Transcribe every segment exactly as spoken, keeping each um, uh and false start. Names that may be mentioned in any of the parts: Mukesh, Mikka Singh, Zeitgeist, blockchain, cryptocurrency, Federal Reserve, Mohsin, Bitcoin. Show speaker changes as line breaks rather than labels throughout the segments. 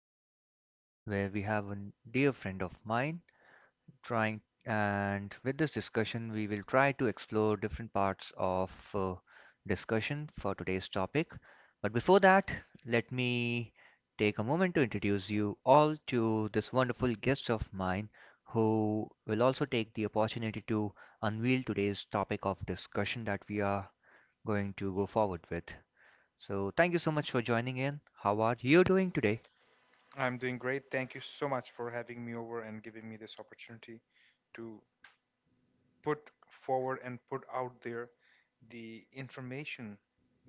podcast where we have a dear friend of mine trying, and with this discussion, we will try to explore different parts of uh, discussion for today's topic. But before that, let me take a moment to introduce you all to this wonderful guest of mine who will also take the opportunity to unveil today's topic of discussion that we are going to go forward with. So thank you so much for joining in. How are you doing today?
I'm doing great. Thank you so much for having me over and giving me this opportunity to put forward and put out there the information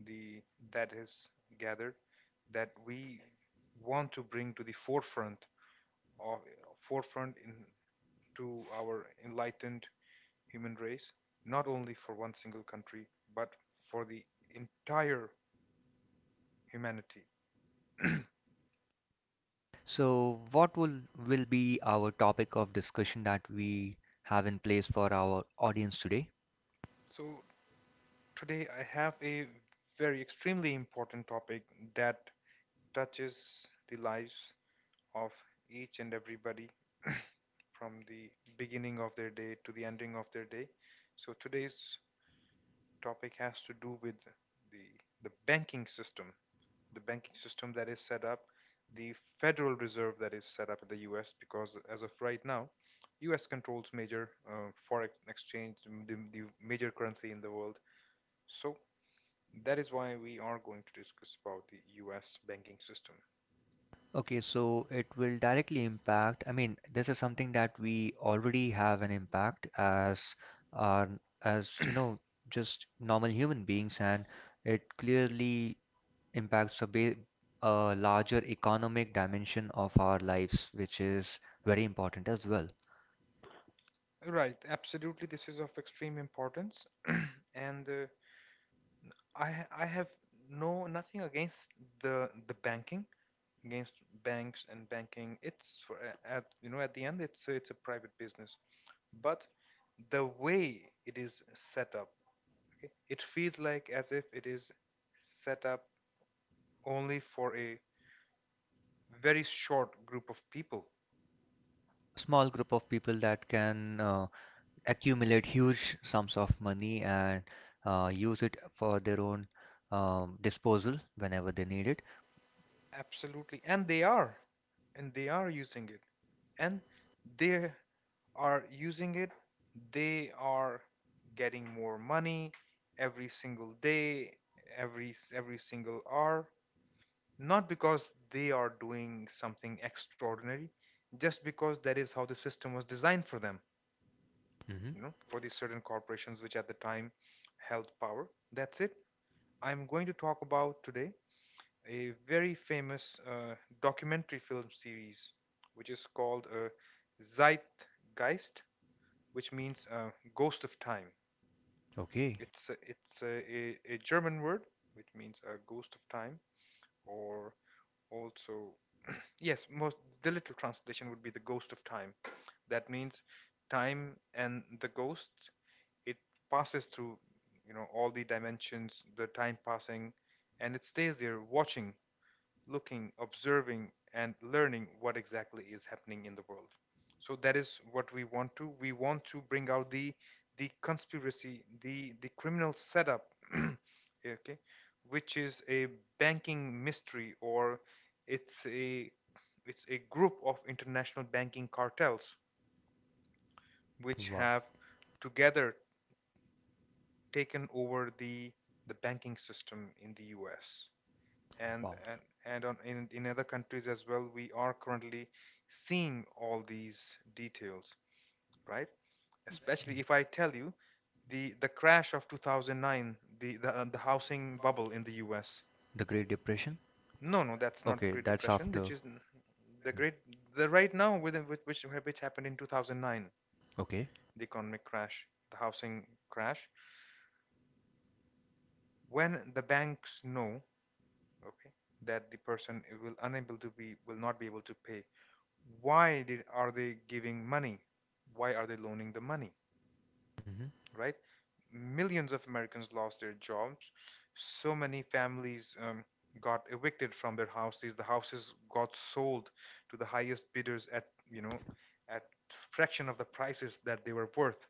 the that is gathered that we want to bring to the forefront of forefront in to our enlightened human race, not only for one single country, but for the entire humanity.
So what will will be our topic of discussion that we have in place for our audience today?
So today I have a very extremely important topic that touches the lives of each and everybody from the beginning of their day to the ending of their day. So today's topic has to do with the the banking system, the banking system that is set up, the Federal Reserve that is set up in the U S. Because as of right now, U S controls major uh, foreign exchange, um, the, the major currency in the world. So that is why we are going to discuss about the U S banking system.
Okay, so it will directly impact. I mean, this is something that we already have an impact as our as you know, just normal human beings, and it clearly impacts a ba a larger economic dimension of our lives, which is very important as well.
Right, absolutely. This is of extreme importance, and uh, I ha- I have no nothing against the the banking against banks and banking. It's for a- at you know at the end it's a, it's a private business, but the way it is set up, okay, it feels like as if it is set up only for a very short group of people.
Small group of people that can uh, accumulate huge sums of money and uh, use it for their own um, disposal whenever they need it.
Absolutely. And they are. And they are using it. And they are using it. They are getting more money every single day, every s- every single hour, not because they are doing something extraordinary, just because that is how the system was designed for them,
Hmm.
you know, for these certain corporations which at the time held power. That's it. I'm going to talk about today a very famous uh, documentary film series, which is called uh, Zeitgeist, which means uh, ghost of time.
Okay.
It's a, it's a, a, a German word which means a ghost of time, or also yes, most the literal translation would be the ghost of time. That means time and the ghost. It passes through you know all the dimensions, the time passing, and it stays there watching looking, observing, and learning what exactly is happening in the world. So that is what we want to. We want to bring out the the conspiracy, the the criminal setup, okay, which is a banking mystery or it's a it's a group of international banking cartels which
Wow.
have together taken over the the banking system in the U S. and
Wow.
and, and on, in, in other countries as well we are currently seeing all these details, right? Especially if I tell you the the crash of two thousand nine, the the, uh, the housing bubble in the US.
The Great Depression.
No, no, that's not the
Okay,
Great
that's
Depression, which
after.
is n- the great the right now, within which which, which happened in two thousand nine,
Okay.
the economic crash, the housing crash. When the banks know, okay, that the person will unable to be will not be able to pay, why did, are they giving money? Why are they loaning the money,
Hmm.
right? Millions of Americans lost their jobs. So many families um, got evicted from their houses. The houses got sold to the highest bidders at, you know, at fraction of the prices that they were worth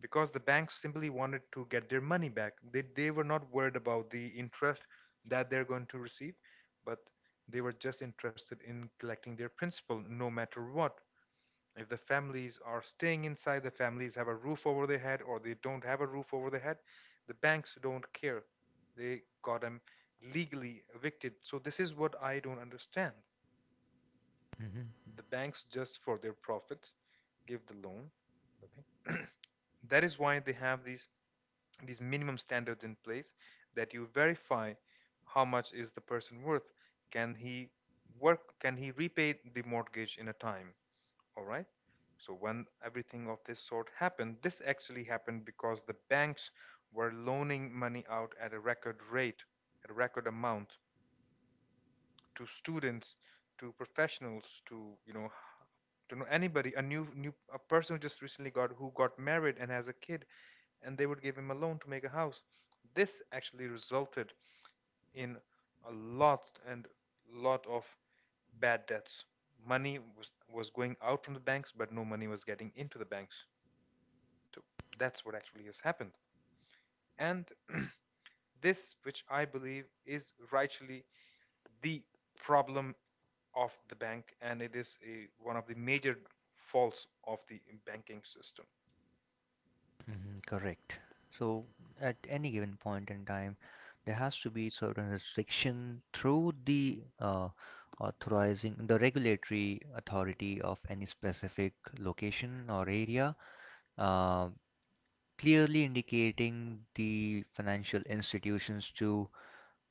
because the banks simply wanted to get their money back. They, they were not worried about the interest that they're going to receive, but they were just interested in collecting their principal no matter what. If the families are staying inside, the families have a roof over their head, or they don't have a roof over their head, the banks don't care. They got them legally evicted. So, this is what I don't understand.
Hmm.
The banks, just for their profits, give the loan. Okay. That is why they have these, these minimum standards in place that you verify how much is the person worth. Can he work? Can he repay the mortgage in a time? All right, so when everything of this sort happened, this actually happened because the banks were loaning money out at a record rate, at a record amount, to students, to professionals, to you know, to know anybody, a new new a person who just recently got who got married and has a kid, and they would give him a loan to make a house. This actually resulted in a lot and lot of bad debts. Money was, was going out from the banks, but no money was getting into the banks. So that's what actually has happened. And this, which I believe is rightly the problem of the bank, and it is a, one of the major faults of the banking system.
Hmm. Correct. So at any given point in time, there has to be certain restriction through the uh, authorizing the regulatory authority of any specific location or area, um, clearly indicating the financial institutions to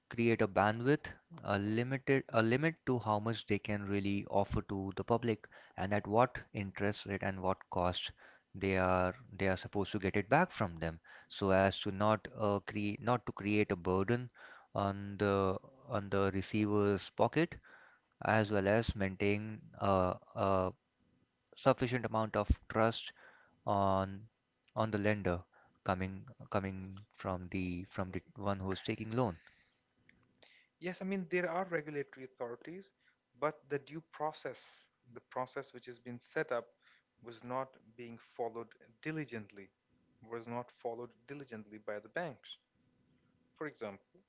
create a bandwidth, a limited a limit to how much they can really offer to the public and at what interest rate and what cost they are they are supposed to get it back from them, so as to not uh, create not to create a burden on the on the receiver's pocket, as well as maintain uh, a sufficient amount of trust on on the lender coming coming from the from the one who's taking loan.
Yes, I mean, there are regulatory authorities, but the due process, the process which has been set up, was not being followed diligently, was not followed diligently by the banks. For example,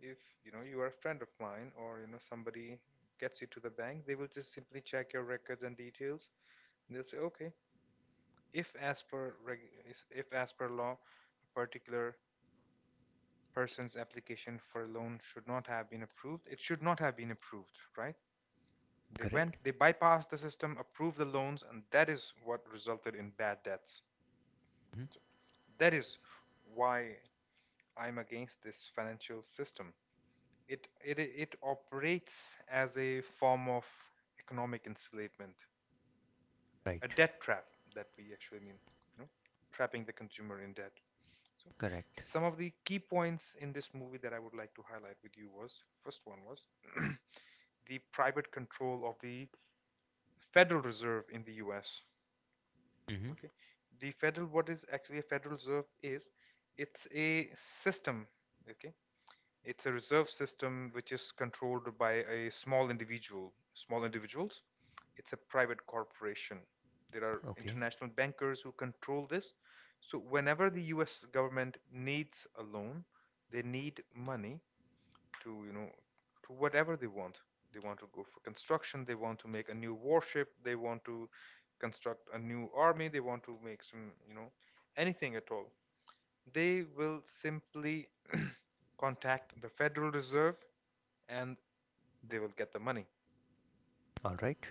if you know you are a friend of mine or you know somebody gets you to the bank, they will just simply check your records and details. And they'll say, okay, if as per reg- is- if as per law, a particular person's application for a loan should not have been approved, it should not have been approved, right? They
Correct.
went, they bypassed the system, approved the loans, and that is what resulted in bad debts.
Hmm.
So that is why I'm against this financial system. It it it operates as a form of economic enslavement,
Right.
a debt trap that we actually mean, you know, trapping the consumer in debt. So
Correct.
some of the key points in this movie that I would like to highlight with you was first one was the private control of the Federal Reserve in the U S.
Hmm.
Okay, the federal what is actually a federal reserve is it's a system, okay, it's a reserve system which is controlled by a small individual small individuals. It's a private corporation. There are
Okay.
international bankers who control this. So whenever the US government needs a loan, they need money to you know, to whatever they want. They want to go for construction, they want to make a new warship, they want to construct a new army, they want to make some you know, anything at all, they will simply contact the Federal Reserve and they will get the money.
All right.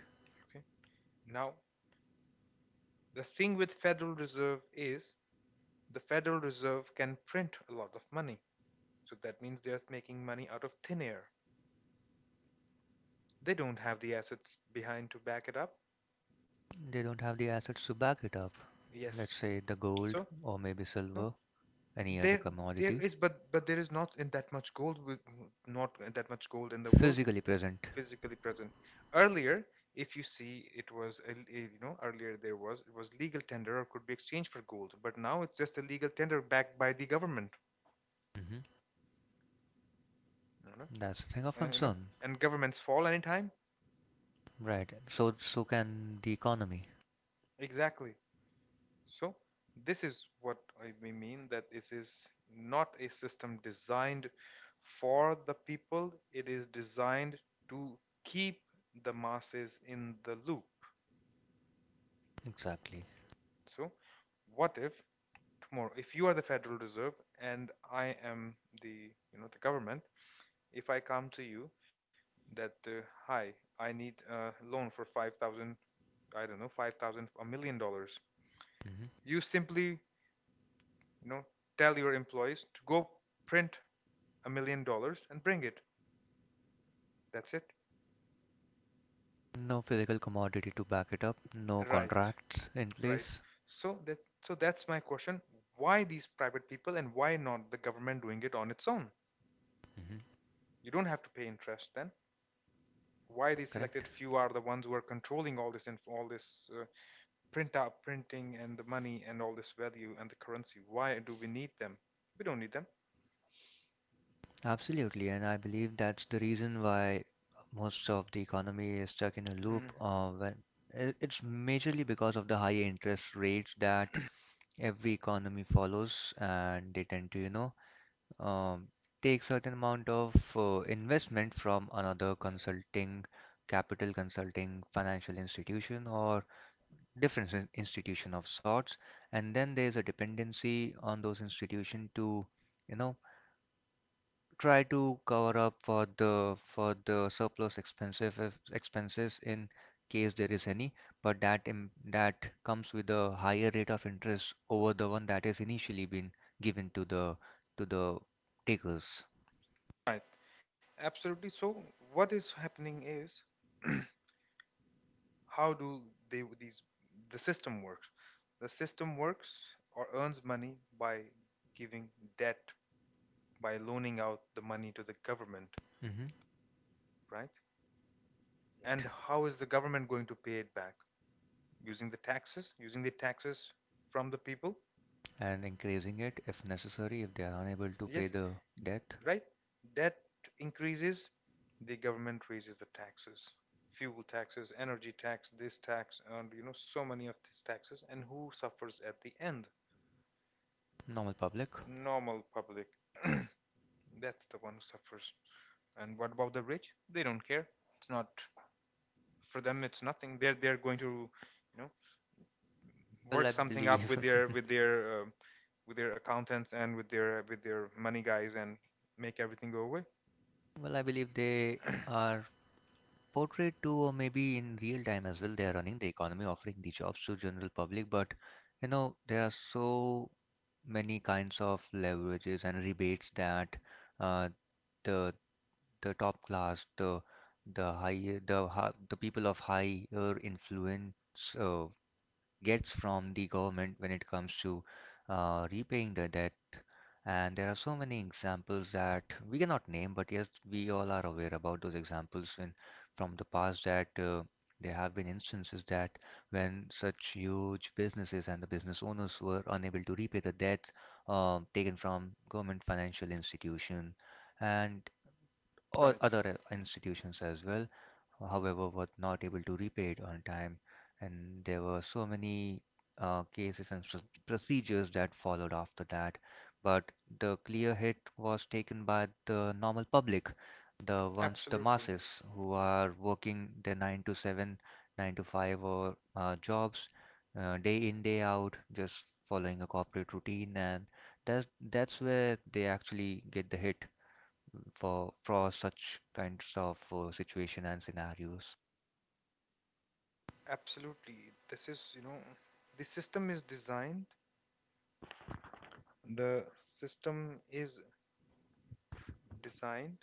Okay, now the thing with Federal Reserve is the Federal Reserve can print a lot of money, so that means they're making money out of thin air. They don't have the assets behind to back it up.
They don't have the assets to back it up.
Yes.
Let's say the gold
So
or maybe
No,
silver. Any other
there there
commodity.
is, but but there is not in that much gold, wi- not that much gold in the world
Physically present.
physically present. Earlier, if you see, it was a- a- you know earlier there was it was legal tender or could be exchanged for gold, but now it's just a legal tender backed by the government.
Hmm.
You know,
That's a thing of
and, you know,
concern.
and governments fall anytime.
Right. So so can the economy.
Exactly. So this is what I we mean, that this is not a system designed for the people. It is designed to keep the masses in the loop.
Exactly.
So what if tomorrow, if you are the Federal Reserve and I am the, you know, the government, if I come to you that uh, hi, I need a loan for five thousand, I don't know, five thousand, a million dollars.
Hmm.
You simply, you know, tell your employees to go print a million dollars and bring it. That's it.
No physical commodity to back it up, no
Right.
contracts in
Right.
place.
So that, so that's my question. Why these private people and why not the government doing it on its own?
Hmm.
You don't have to pay interest then. Why these
Correct.
selected few are the ones who are controlling all this info, all this uh, print out printing and the money and all this value and the currency? Why do we need them? We don't need them.
Absolutely, and I believe that's the reason why most of the economy is stuck in a
Mm.
loop of. Uh, when it- it's majorly because of the high interest rates that every economy follows, and they tend to, you know, um, take certain amount of uh, investment from another consulting, capital consulting, financial institution, or different in- institution of sorts, and then there's a dependency on those institution to, you know, try to cover up for the for the surplus expenses if- expenses in case there is any, but that im- that comes with a higher rate of interest over the one that has initially been given to the to the takers.
Right. Absolutely. So what is happening is how do they these the system works? The system works or earns money by giving debt, by loaning out the money to the government,
Hmm.
right? And how is the government going to pay it back? Using the taxes, using the taxes from the people?
And increasing it if necessary if they are unable to pay
Yes,
the debt.
right? Debt increases, the government raises the taxes. Fuel taxes, energy tax, this tax, and you know, so many of these taxes. And who suffers at the end?
Normal public.
Normal public. That's the one who suffers. And what about the rich? They don't care. It's not for them. It's nothing. They're they're going to, you know,
Well,
work
I
something up
believe.
with their with their um, with their accountants and with their with their money guys and make everything go away.
Well, I believe they are Portrait too, or maybe in real time as well they are running the economy offering the jobs to general public, but you know there are so many kinds of leverages and rebates that uh, the the top class the the high the ha- the people of higher influence uh, gets from the government when it comes to uh, repaying the debt. And there are so many examples that we cannot name, but yes, we all are aware about those examples when from the past that uh, there have been instances that when such huge businesses and the business owners were unable to repay the debts um, taken from government financial institution, and or
Right.
other uh, institutions as well, however, were not able to repay it on time. And there were so many uh, cases and s- procedures that followed after that. But the clear hit was taken by the normal public, the ones, the
Absolutely.
masses, who are working their nine to seven, nine to five, or uh, jobs, uh, day in, day out, just following a corporate routine. And that's, that's where they actually get the hit for for such kinds of uh, situation and scenarios.
Absolutely. This is you know, the system is designed. The system is designed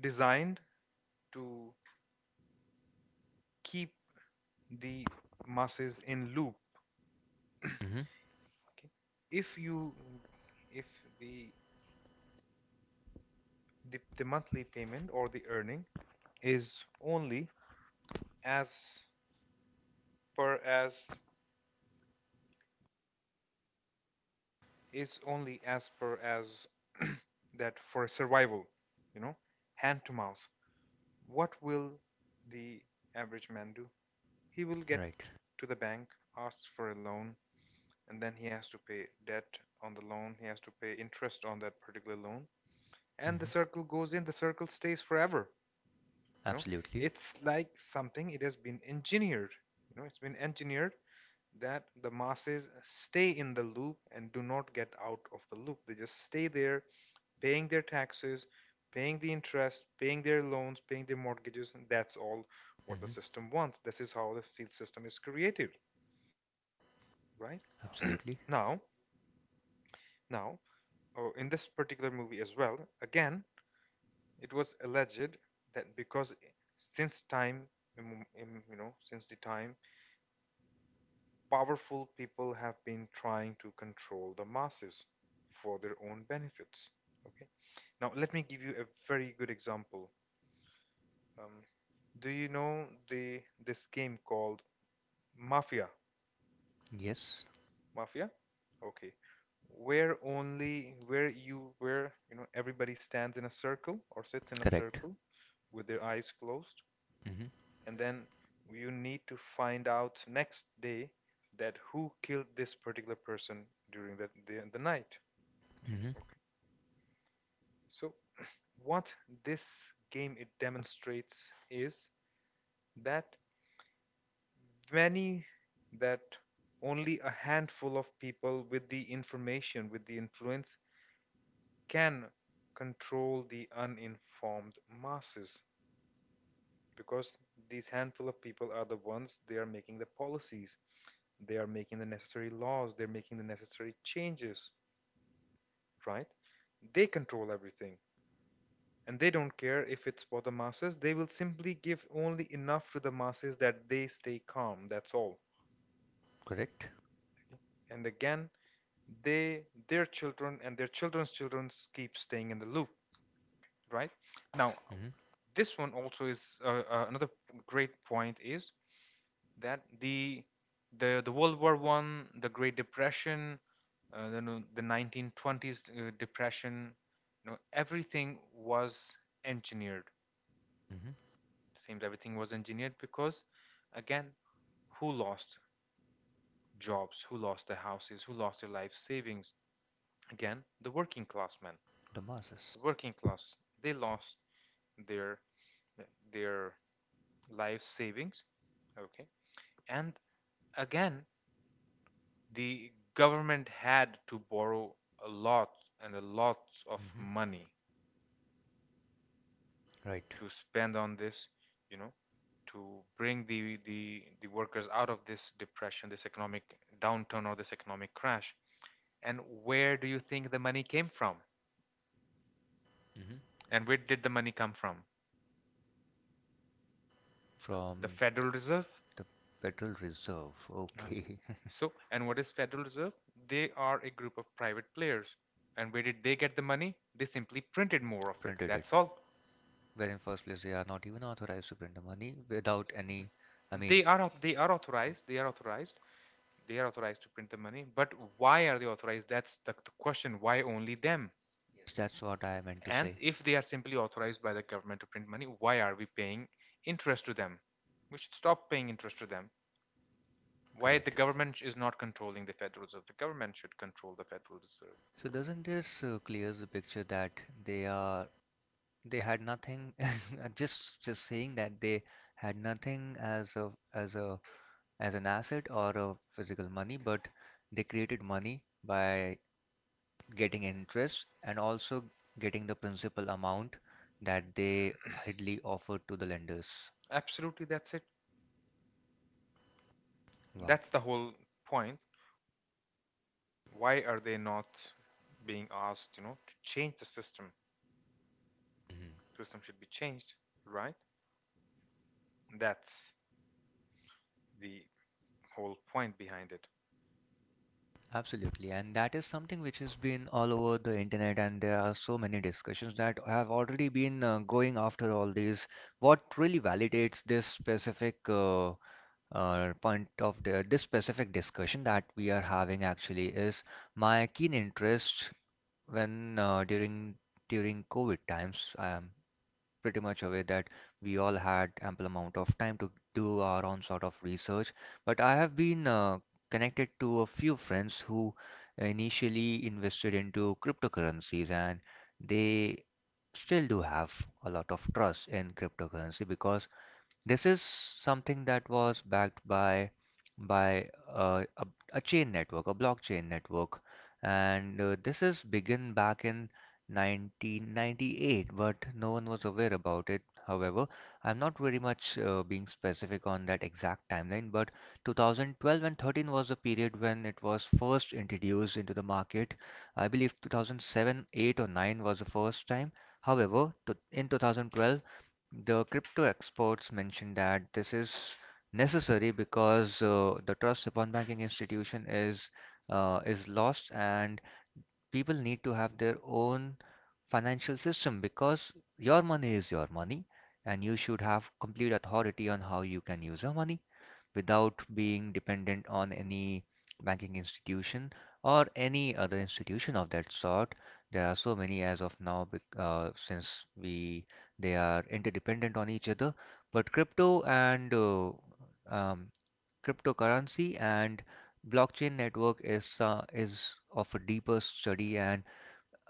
designed to keep the masses in loop.
Mm-hmm.
Okay. If you if the, the the monthly payment or the earning is only as per as is only as per as that for survival, you know, hand to mouth, what will the average man do? He will get
Right.
to the bank, asks for a loan, and then he has to pay debt on the loan. He has to pay interest on that particular loan, and the
Mm-hmm.
circle goes in. The circle stays forever. you know
Absolutely.
it's like something, it has been engineered. You know it's been engineered that the masses stay in the loop and do not get out of the loop. They just stay there paying their taxes, paying the interest, paying their loans, paying their mortgages, and that's all what the
Mm-hmm.
system wants. This is how the field system is created. Right now.
Absolutely.
Now, oh, in this particular movie as well, again, it was alleged that because since time immem- im- you know since the time powerful people have been trying to control the masses for their own benefits. Okay. Now let me give you a very good example. Um, do you know the this game called Mafia?
Yes.
Mafia? Okay. Where only where you where you know everybody stands in a circle or sits in a
Correct.
circle with their eyes closed,
Mm-hmm.
and then you need to find out next day that who killed this particular person during the the, the night.
Hmm.
Okay. So what this game it demonstrates is that many that only a handful of people with the information, with the influence, can control the uninformed masses, because these handful of people are the ones. They are making the policies, they are making the necessary laws, they're making the necessary changes, right? They control everything, and they don't care if it's for the masses. They will simply give only enough to the masses that they stay calm. That's all.
Correct.
And again, they, their children, and their children's children keep staying in the loop, right? Now,
Mm-hmm.
this one also is uh, uh, another great point is that the the the World War One, the Great Depression, uh, the no- the nineteen twenties uh, depression, you know, everything was engineered.
Mm-hmm.
Seems everything was engineered, because again, who lost jobs, who lost their houses, who lost their life savings? Again, the working class men,
The
the
masses.
working class, they lost their their life savings. Okay. And again, the government had to borrow a lot and a lot of
Mm-hmm.
money
Right.
to spend on this, you know, to bring the the the workers out of this depression, this economic downturn, or this economic crash. And where do you think the money came from?
Mm-hmm.
And where did the money come from? The
From
Federal Reserve?
the Federal Reserve.
Uh,
Okay.
So, and what is Federal Reserve? They are a group of private players. And where did they get the money? They simply printed more of it.
Printed it.
That's all.
Where in first place they are not even authorized to print the money without any. I mean,
They are au- they are authorized. They are authorized. They are authorized to print the money. But why are they authorized? That's the, the question. Why only them?
that's what I meant to
And
say.
if they are simply authorized by the government to print money, why are we paying interest to them? We should stop paying interest to them. Why the
Correct.
government is not controlling the Federal Reserve? The government should control the Federal Reserve.
So doesn't this uh, clears the picture that they are they had nothing, just just saying that they had nothing as a as a as an asset or a physical money, but they created money by getting interest and also getting the principal amount that they idly offered to the lenders.
Absolutely, that's it.
Wow.
That's the whole point. Why are they not being asked, you know, to change the system?
Mhm.
System should be changed, right? That's the whole point behind it.
Absolutely, and that is something which has been all over the internet, and there are so many discussions that have already been uh, going after all these. What really validates this specific uh, uh, point of the, this specific discussion that we are having actually is my keen interest when uh, during during COVID times. Um, pretty much aware that we all had ample amount of time to do our own sort of research. But I have been uh, connected to a few friends who initially invested into cryptocurrencies, and they still do have a lot of trust in cryptocurrency because this is something that was backed by by uh, a, a chain network, a blockchain network, and uh, this is begun back in nineteen ninety-eight, but no one was aware about it. However, I'm not very much uh, being specific on that exact timeline, but two thousand twelve and thirteen was the period when it was first introduced into the market. I believe two thousand seven, eight, or nine was the first time. However, to, in two thousand twelve, the crypto experts mentioned that this is necessary because uh, the trust upon banking institution is uh, is lost, and people need to have their own financial system because your money is your money, and you should have complete authority on how you can use your money without being dependent on any banking institution or any other institution of that sort. There are so many as of now bec- uh, since we they are interdependent on each other. But crypto and uh, um, cryptocurrency and blockchain network is uh, is of a deeper study, and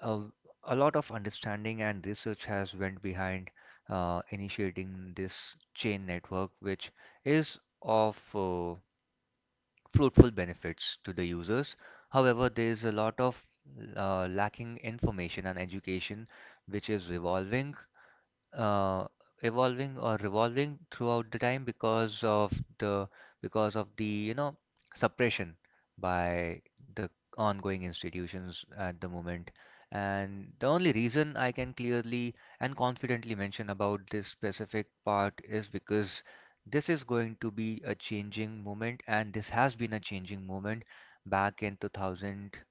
uh, a lot of understanding and research has went behind uh, initiating this chain network, which is of uh, fruitful benefits to the users. However, there is a lot of uh, lacking information and education which is revolving uh, evolving or revolving throughout the time because of the because of the you know suppression by the ongoing institutions at the moment. And the only reason I can clearly and confidently mention about this specific part is because this is going to be a changing moment, and this has been a changing moment back in 2019,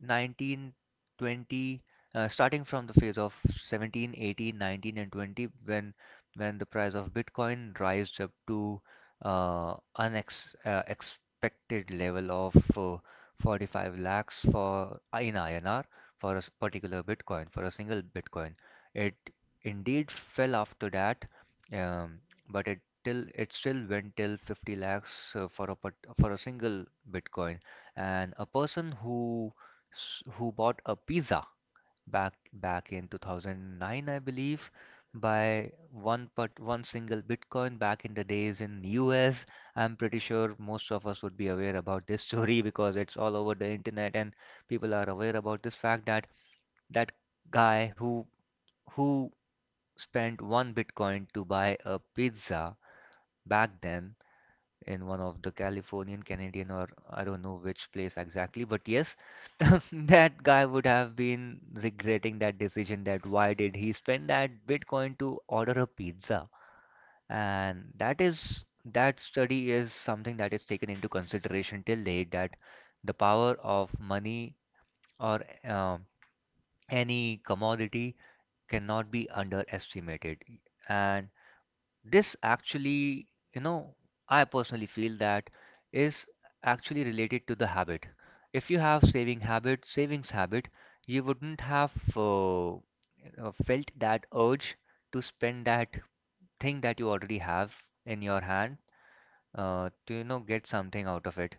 Nineteen twenty, uh, starting from the phase of seventeen, eighteen, nineteen, and twenty, when when the price of bitcoin rised up to uh, unex uh, expected level of uh, forty-five lakhs for uh, in I N R, for a s- particular bitcoin, for a single bitcoin. It indeed fell after that, um, but it till it still went till fifty lakhs, uh, for a part- for a single bitcoin. And a person who s- who bought a pizza back back in two thousand nine, I believe, by one but one single Bitcoin back in the days in U S. I'm pretty sure most of us would be aware about this story, because it's all over the internet, and people are aware about this fact that that guy who who spent one Bitcoin to buy a pizza back then in one of the Californian, Canadian, or I don't know which place exactly, but yes, that guy would have been regretting that decision, that why did he spend that Bitcoin to order a pizza? And that is that study is something that is taken into consideration till date, that the power of money or um any commodity cannot be underestimated. And this actually, you know I personally feel, that is actually related to the habit. If you have saving habit savings habit, you wouldn't have uh, uh, felt that urge to spend that thing that you already have in your hand, uh, to you know get something out of it.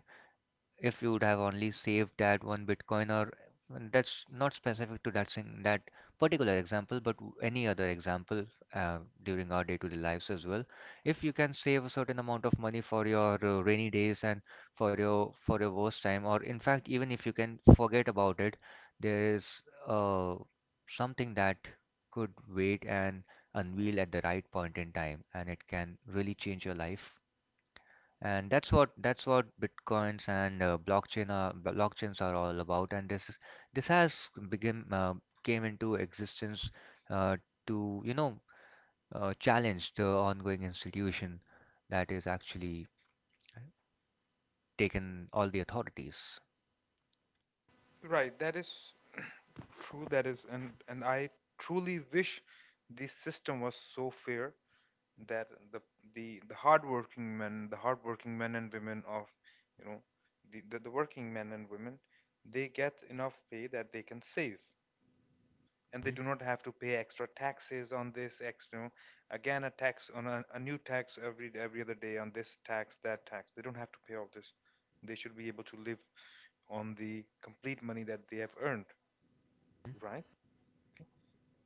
If you would have only saved that one Bitcoin, or, and that's not specific to that sing that particular example, but w- any other example, uh, during our day-to-day lives as well. If you can save a certain amount of money for your uh, rainy days and for your for your worst time, or in fact, even if you can forget about it, there is uh, something that could wait and unveil at the right point in time, and it can really change your life. And that's what that's what bitcoins and uh, blockchain are b- blockchains are all about. And this is this has begin uh, came into existence, uh, to you know uh, challenge the ongoing institution that is actually taken all the authorities.
Right, that is true. That is, and and I truly wish the system was so fair that the the the hardworking men, the hardworking men and women of, you know, the, the the working men and women, they get enough pay that they can save, and they
Mhm.
do not have to pay extra taxes on this extra, you know, again a tax on a, a new tax every every other day on this tax, that tax. They don't have to pay all this. They should be able to live on the complete money that they have earned, right?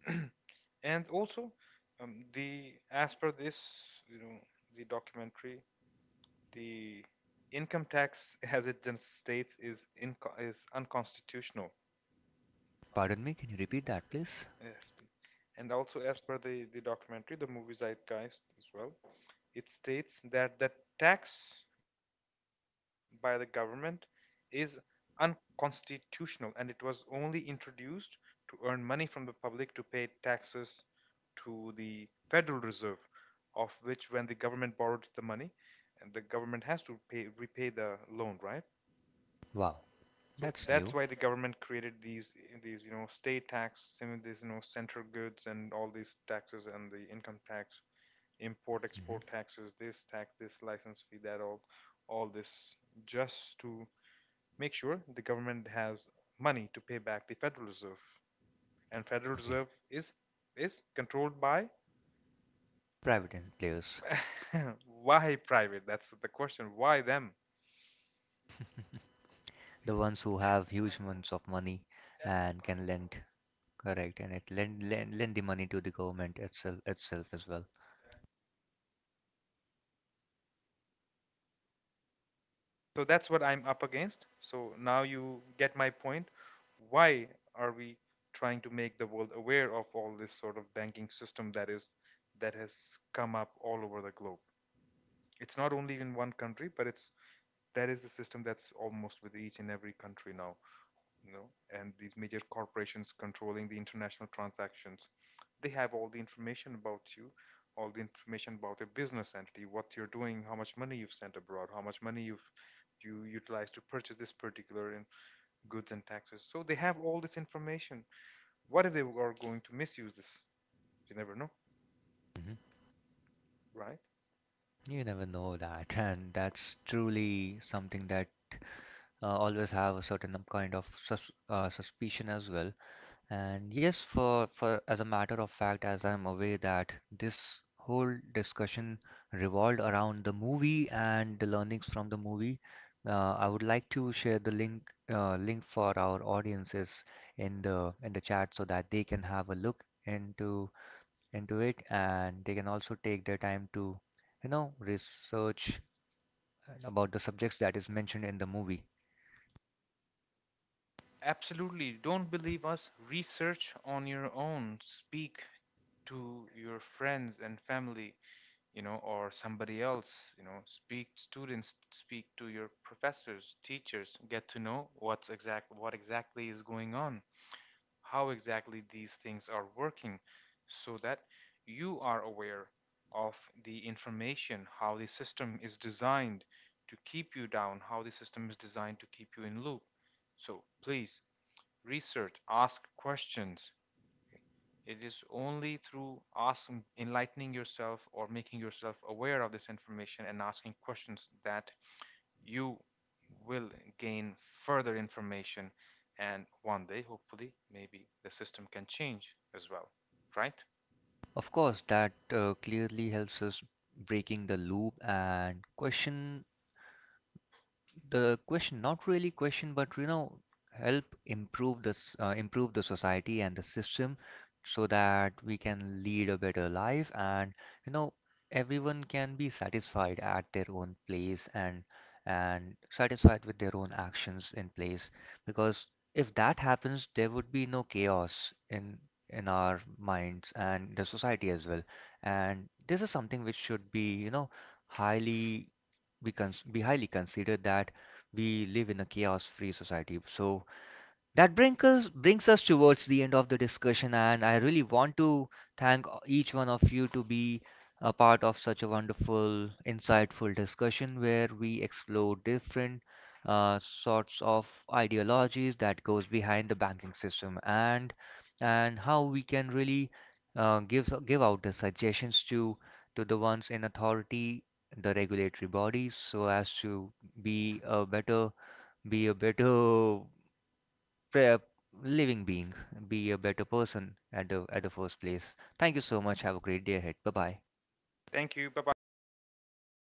and also, um, the as per this, you know, the documentary, the income tax, as it then states, is inco- is unconstitutional.
Pardon me, can you repeat that, please?
As, and also, as per the, the documentary, the movie Zeitgeist as well, it states that the tax by the government is unconstitutional, and it was only introduced to earn money from the public to pay taxes to the Federal Reserve, of which, when the government borrowed the money, and the government has to pay repay the loan, right?
Wow.
So
That's
that's
new.
why the government created these these you know, state tax, some of these, you know, central goods and all these taxes and the income tax, import
Hmm.
export taxes, this tax, this license fee, that all, all this just to make sure the government has money to pay back the Federal Reserve, and Federal
Okay.
Reserve is is controlled by.
Private en- players.
why private? That's the question. Why them?
The ones who have huge amounts of money and can lend. Correct, and it lend, lend lend the money to the government itself itself as well.
So that's what I'm up against. So now you get my point. Why are we trying to make the world aware of all this sort of banking system that is, that has come up all over the globe? It's not only in one country, but it's that is the system that's almost with each and every country now, you know, and these major corporations controlling the international transactions. They have all the information about you, all the information about your business entity, what you're doing, how much money you've sent abroad, how much money you've you utilized to purchase this particular in goods and taxes. So they have all this information. What if they are going to misuse this? You never know,
Hmm.
right?
You never know that, and that's truly something that uh, always have a certain um, kind of sus uh, suspicion as well. And yes, for for as a matter of fact, as I'm aware that this whole discussion revolved around the movie and the learnings from the movie. Uh, I would like to share the link uh, link for our audiences in the in the chat so that they can have a look into into it, and they can also take their time to you know research uh, about the subjects that is mentioned in the movie.
Absolutely. Don't believe us. Research on your own. Speak to your friends and family, you know, or somebody else, you know, speak students, speak to your professors, teachers, get to know what's exact what exactly is going on, how exactly these things are working, so that you are aware of the information, how the system is designed to keep you down, how the system is designed to keep you in loop. So please research, ask questions. It is only through asking, enlightening yourself or making yourself aware of this information and asking questions that you will gain further information. And one day, hopefully, maybe the system can change as well, right?
Of course that uh, clearly helps us breaking the loop and question the question not really question but you know help improve this uh, improve the society and the system, so that we can lead a better life, and you know everyone can be satisfied at their own place, and and satisfied with their own actions in place. Because if that happens there would be no chaos in in our minds and the society as well. And this is something which should be you know highly be, cons- be highly considered, that we live in a chaos free society. So that brings us, brings us towards the end of the discussion, and I really want to thank each one of you to be a part of such a wonderful, insightful discussion where we explore different uh, sorts of ideologies that goes behind the banking system, and and how we can really uh, give give out the suggestions to to the ones in authority, the regulatory bodies, so as to be a better, be a better pre- living being, be a better person at the at the first place. Thank you so much. Have a great day ahead. Bye bye.
Thank you. Bye bye.